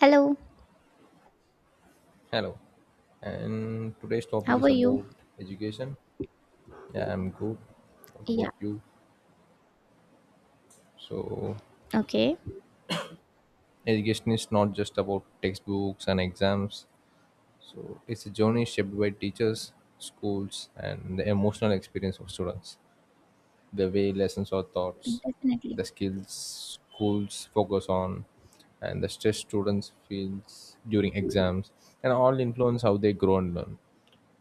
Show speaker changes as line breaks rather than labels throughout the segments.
Hello,
Hello, and today's topic
how
is
are you?
about education. Yeah, I'm good. What
Yeah,
about you? So,
okay.
education is not just about textbooks and exams. So, it's a journey shaped by teachers, schools, and the emotional experience of students. The way lessons are taught,
Definitely.
the skills schools focus on, and the stress students feels during exams, and all influence how they grow and learn.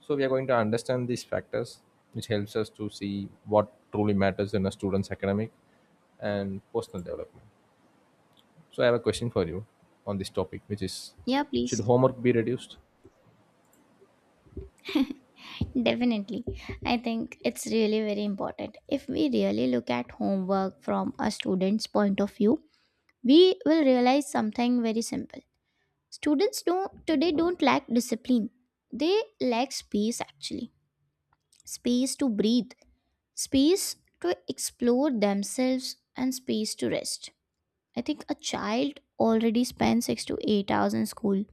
So we are going to understand these factors, which helps us to see what truly matters in a student's academic and personal development. So I have a question for you on this topic, which is,
Yeah,
should
please.
homework be reduced?
Definitely. I think it's really very important. If we really look at homework from a student's point of view, we will realize something very simple. Students don't today don't lack discipline. They lack space actually. Space to breathe, space to explore themselves, and space to rest. I think a child already spends 6 to 8 hours in school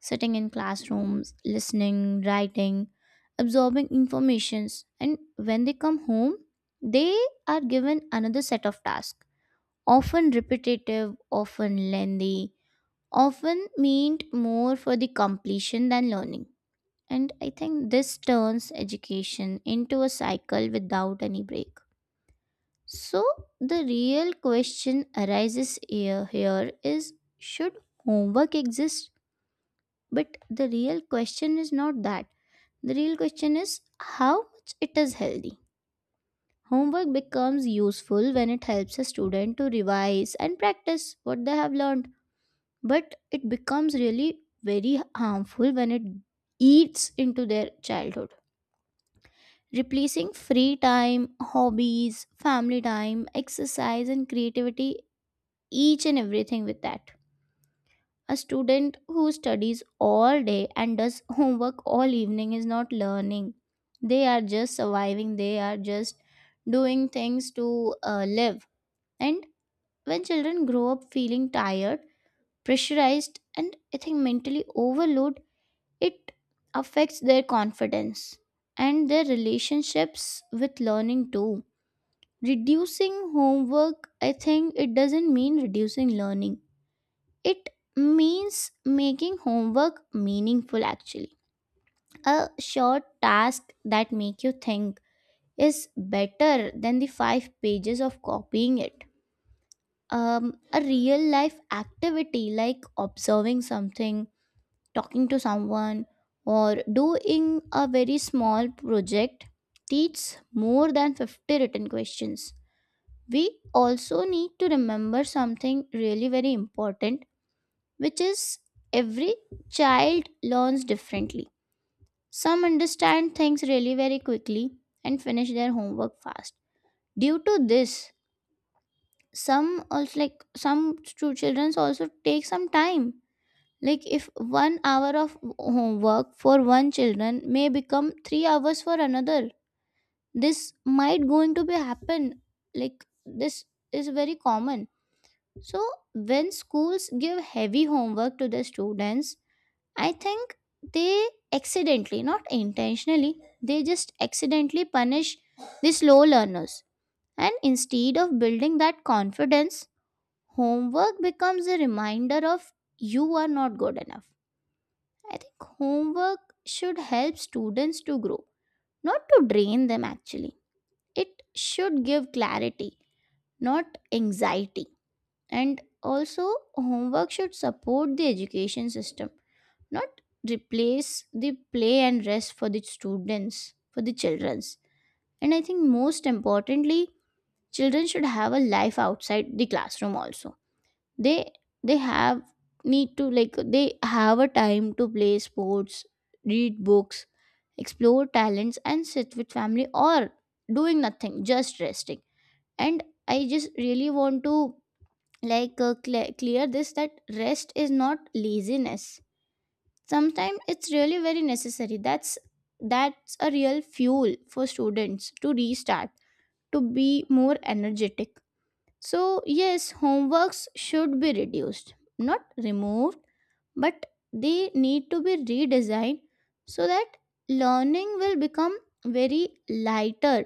sitting in classrooms, listening, writing, absorbing informations, and when they come home, they are given another set of tasks, often repetitive, often lengthy, often meant more for the completion than learning. And I think this turns education into a cycle without any break. So the real question arises here is, should homework exist? But the real question is not that, the real question is how much it is healthy. Homework becomes useful when it helps a student to revise and practice what they have learned, but it becomes really very harmful when it eats into their childhood. Replacing free time, hobbies, family time, exercise, and creativity, each and everything with that. A student who studies all day and does homework all evening is not learning. They are just surviving, they are just doing things to live. And when children grow up feeling tired, pressurized, and I think mentally overloaded, it affects their confidence and their relationships with learning too. Reducing homework, I think, it doesn't mean reducing learning, it means making homework meaningful actually. A short task that make you think is better than the 5 pages of copying it. A real life activity like observing something, talking to someone, or doing a very small project teaches more than 50 written questions. We also need to remember something really very important, which is every child learns differently. Some understand things really very quickly and finish their homework fast. Due to this, some also, like, some two children also take some time. Like, if 1 hour of homework for one children may become 3 hours for another. This might going to be happen. Like, this is very common. So when schools give heavy homework to the students, I think they accidentally, not intentionally, they just accidentally punish the slow learners. And instead of building that confidence, homework becomes a reminder of, you are not good enough. I think homework should help students to grow, not to drain them actually. It should give clarity, not anxiety. And also, homework should support the education system, not replace the play and rest for the students, for the childrens. And I think, most importantly, children should have a life outside the classroom also. They they have need to, like, they have a time to play sports, read books, explore talents, and sit with family, or doing nothing, just resting. And I just really want to, like, clear this, that rest is not laziness. Sometimes it's really very necessary. That's a real fuel for students to restart, to be more energetic. So yes, homeworks should be reduced, not removed, but they need to be redesigned, so that learning will become very lighter,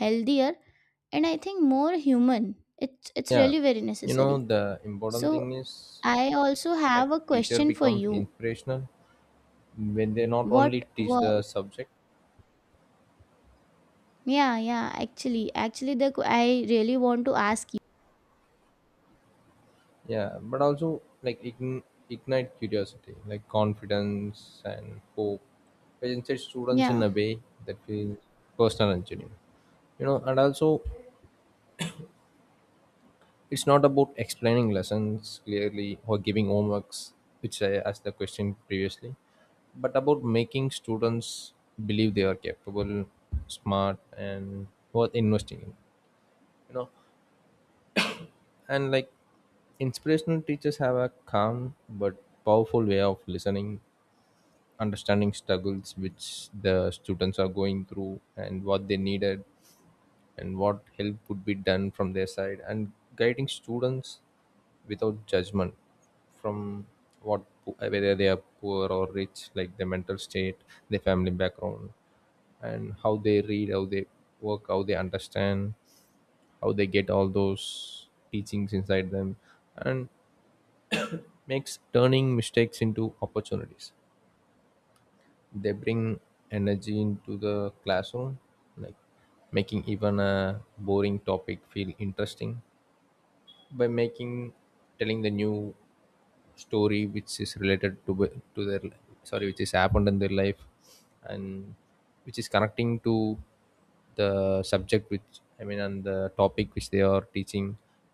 healthier, and I think more human. It's
Yeah,
really very necessary.
the important
So
thing is
I also
that
have a
teacher
question for
becomes
you.
inspirational when they not
what
only teach the
wa-
subject,
Yeah, yeah, the I really want to ask you.
yeah, but also like ignite curiosity, like confidence and hope, which incites students in
Yeah,
a way that feels personal and genuine, and also, it's not about explaining lessons clearly or giving homeworks, which I asked the question previously, but about making students believe they are capable, smart, and worth investing in, you know and like, inspirational teachers have a calm but powerful way of listening, understanding struggles which the students are going through and what they needed, and what help would be done from their side, and guiding students without judgment from what, whether they are poor or rich, like their mental state, their family background, and how they read, how they work, how they understand, how they get all those teachings inside them, and makes turning mistakes into opportunities. They bring energy into the classroom, like making even a boring topic feel interesting by making telling the new story which is related to wh- to their li- sorry which is happened in their life, and which is connecting to the subject which and the topic which they are teaching,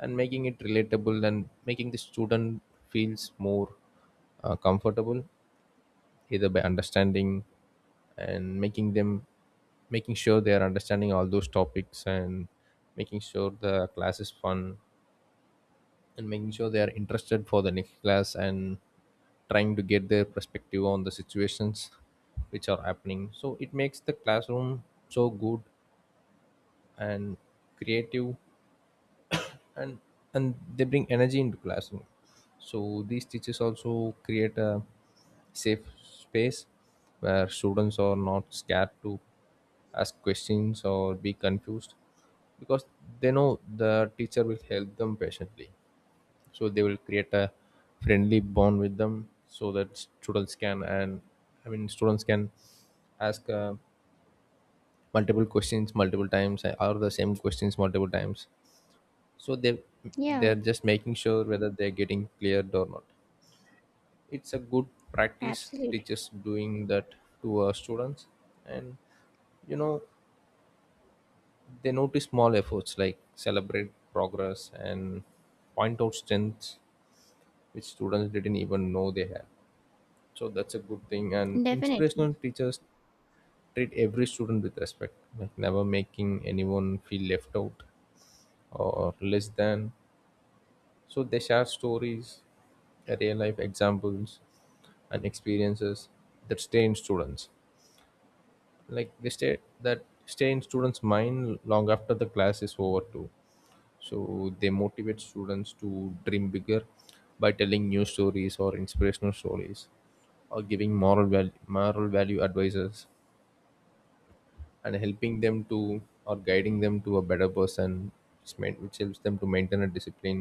and making it relatable and making the student feels more comfortable, either by understanding and making them, making sure they are understanding all those topics, and making sure the class is fun, and making sure they are interested for the next class, and trying to get their perspective on the situations which are happening, so it makes the classroom so good and creative. And they bring energy into classroom. So these teachers also create a safe space where students are not scared to ask questions or be confused, because they know the teacher will help them patiently. So they will create a friendly bond with them so that students can, and students can ask multiple questions multiple times, or the same questions multiple times. So
yeah,
they're just making sure whether they're getting cleared or not. It's a good practice
absolutely,
teachers doing that to our students. And you know they notice small efforts like celebrate progress and point out strengths which students didn't even know they had. So that's a good thing. And
definitely.
inspirational teachers treat every student with respect, like never making anyone feel left out or less than. So they share stories, real life examples, and experiences that stay in students. Like they stay that stay in students' mind long after the class is over too. So they motivate students to dream bigger by telling new stories or inspirational stories, or giving moral value advices, and helping them to or guiding them to a better person, which which helps them to maintain a discipline,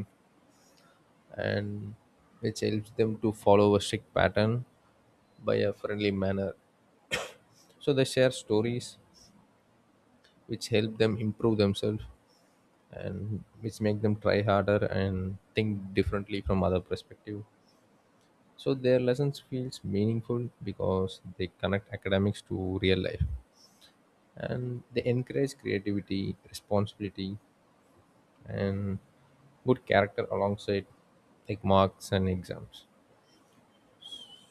and which helps them to follow a strict pattern by a friendly manner. So they share stories which help them improve themselves, and which make them try harder and think differently from other perspective. So their lessons feels meaningful because they connect academics to real life, and they encourage creativity, responsibility, and good character alongside like marks and exams.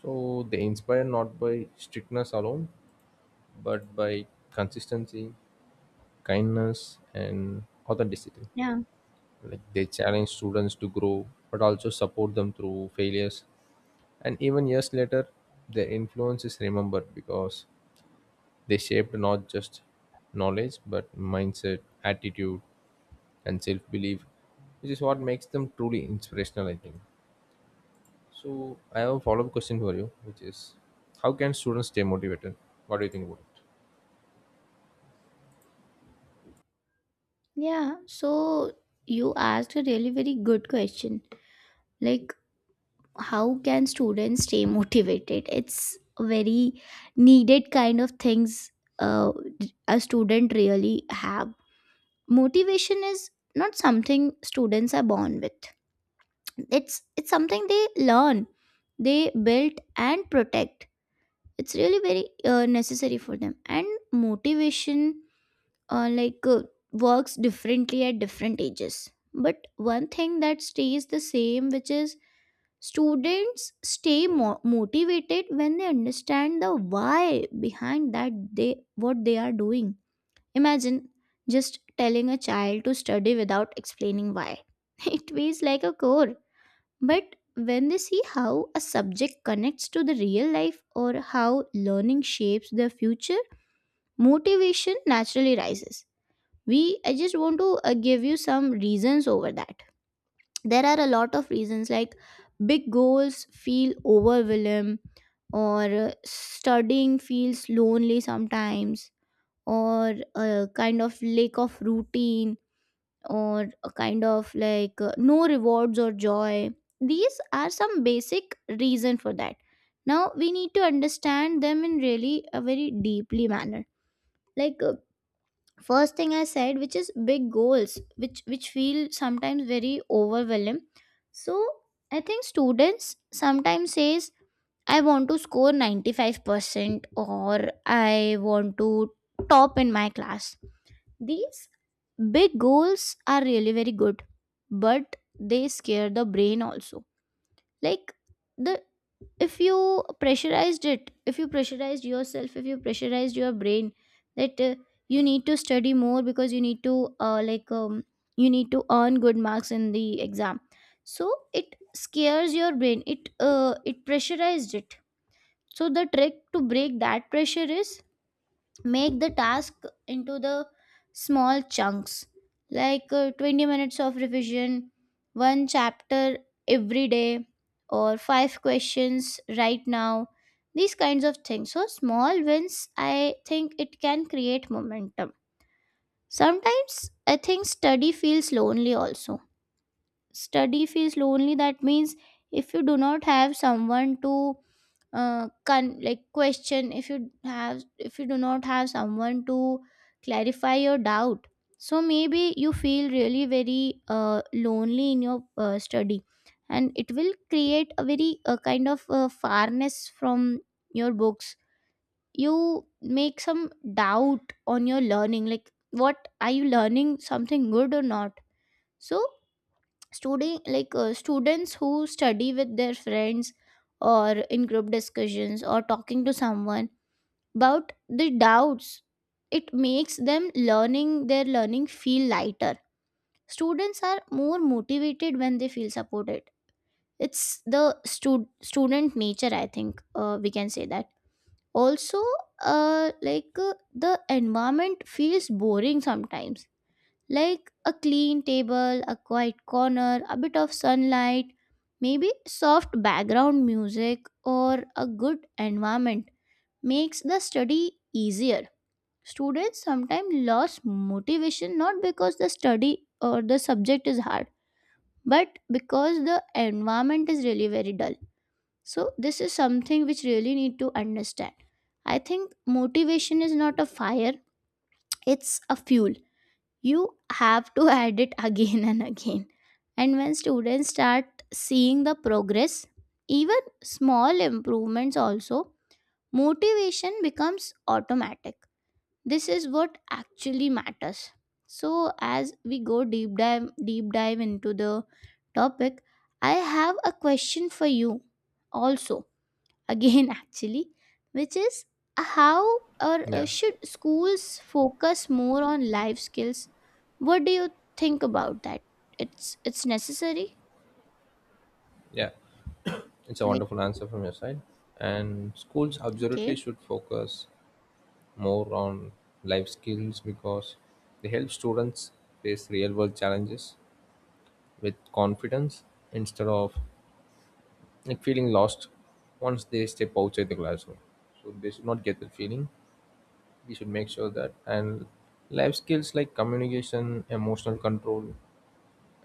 So they inspire not by strictness alone, but by consistency, kindness, and authenticity.
Yeah,
Like they challenge students to grow, but also support them through failures. And even years later, their influence is remembered because they shaped not just knowledge, but mindset, attitude, and self belief, which is what makes them truly inspirational, I think. So I have a follow-up question for you, which is, how can students stay motivated? What do you think about it?
yeah. So you asked a really very good question. Like, how can students stay motivated? It's a very needed kind of things uh, a student really have. Motivation is not something students are born with. It's something they learn, they build, and protect. It's really very necessary for them. And motivation uh, like uh, works differently at different ages, but one thing that stays the same, which is, students stay motivated when they understand the why behind that, they what they are doing. Imagine just telling a child to study without explaining why. It feels like a chore. But when they see how a subject connects to the real life, or how learning shapes their future, motivation naturally rises. I just want to give you some reasons over that. There are a lot of reasons, like, big goals feel overwhelming, or studying feels lonely sometimes, or a kind of lack of routine, or a kind of, like, no rewards or joy. These are some basic reason for that. Now we need to understand them in really a very deeply manner. Like, first thing I said, which is big goals, which feel sometimes very overwhelming. So I think students sometimes says, I want to score 95% or I want to top in my class. These big goals are really very good, but they scare the brain also. Like, the if you pressurized it, if you pressurized yourself, if you pressurized your brain that you need to study more, because you need to like you need to earn good marks in the exam. So it scares your brain. It pressurized it. So the trick to break that pressure is, make the task into the small chunks, like 20 minutes of revision, one chapter every day, or five questions right now. These kinds of things. So small wins, I think, it can create momentum. Sometimes I think study feels lonely also. Study feels lonely, that means, if you do not have someone to like, question, if you do not have someone to clarify your doubt. So maybe you feel really very lonely in your study, and it will create a very kind of farness from your books. You make some doubt on your learning, like, what are you learning, something good or not? So students who study with their friends, or in group discussions, or talking to someone about the doubts, it makes them learning their learning feel lighter. Students are more motivated when they feel supported. It's the student nature, I think, we can say that. Also, the environment feels boring sometimes. Like, a clean table, a quiet corner, a bit of sunlight, maybe soft background music, or a good environment, makes the study easier. Students sometimes lose motivation not because the study or the subject is hard, but because the environment is really very dull. So this is something which really need to understand. I think motivation is not a fire, it's a fuel you have to add it again and again. And when students start seeing the progress, even small improvements also, motivation becomes automatic. This is what actually matters. So as we go deep dive into the topic, I have a question for you also, again, actually, which is, how, or
Yeah,
should schools focus more on life skills? What do you think about that? It's necessary.
yeah, it's a
Like,
wonderful answer from your side. And schools absolutely
okay.
should focus more on life skills because they help students face real-world challenges with confidence instead of like feeling lost once they step outside the classroom. So they should not get that feeling. We should make sure that. And life skills like communication, emotional control,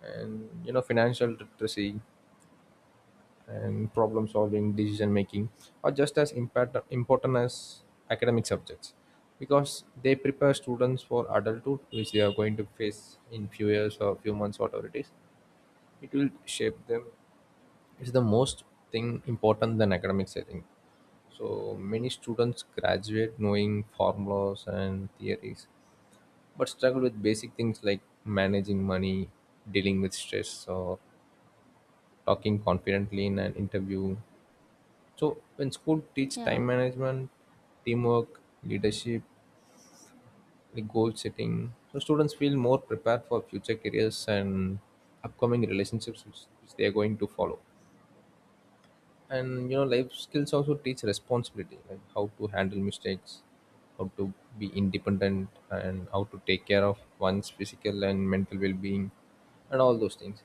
and financial literacy and problem solving decision making are just as important as academic subjects, because they prepare students for adulthood which they are going to face in few years or few months, whatever it is, it will shape them. It's the most thing important than academics, I think. So many students graduate knowing formulas and theories, but struggle with basic things like managing money, dealing with stress, or talking confidently in an interview. So when school teach time
Yeah,
management, teamwork, leadership, like goal setting, so students feel more prepared for future careers and upcoming relationships which they are going to follow. And you know, life skills also teach responsibility, like how to handle mistakes, how to be independent, and how to take care of one's physical and mental well-being, and all those things.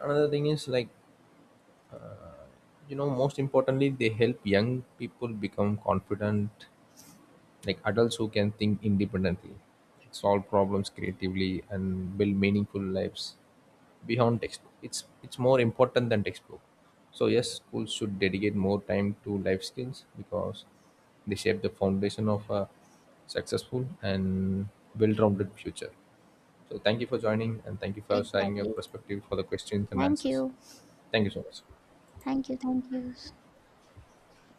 Another thing is like, most importantly they help young people become confident like adults who can think independently, solve problems creatively, and build meaningful lives beyond textbook. It's more important than textbook. So yes, schools should dedicate more time to life skills because they shape the foundation of a successful and well-rounded future. So thank you for joining, and thank you for sharing your
exactly.
perspective for the questions and
Thank
answers.
you,
Thank you so much.
thank you, thank you.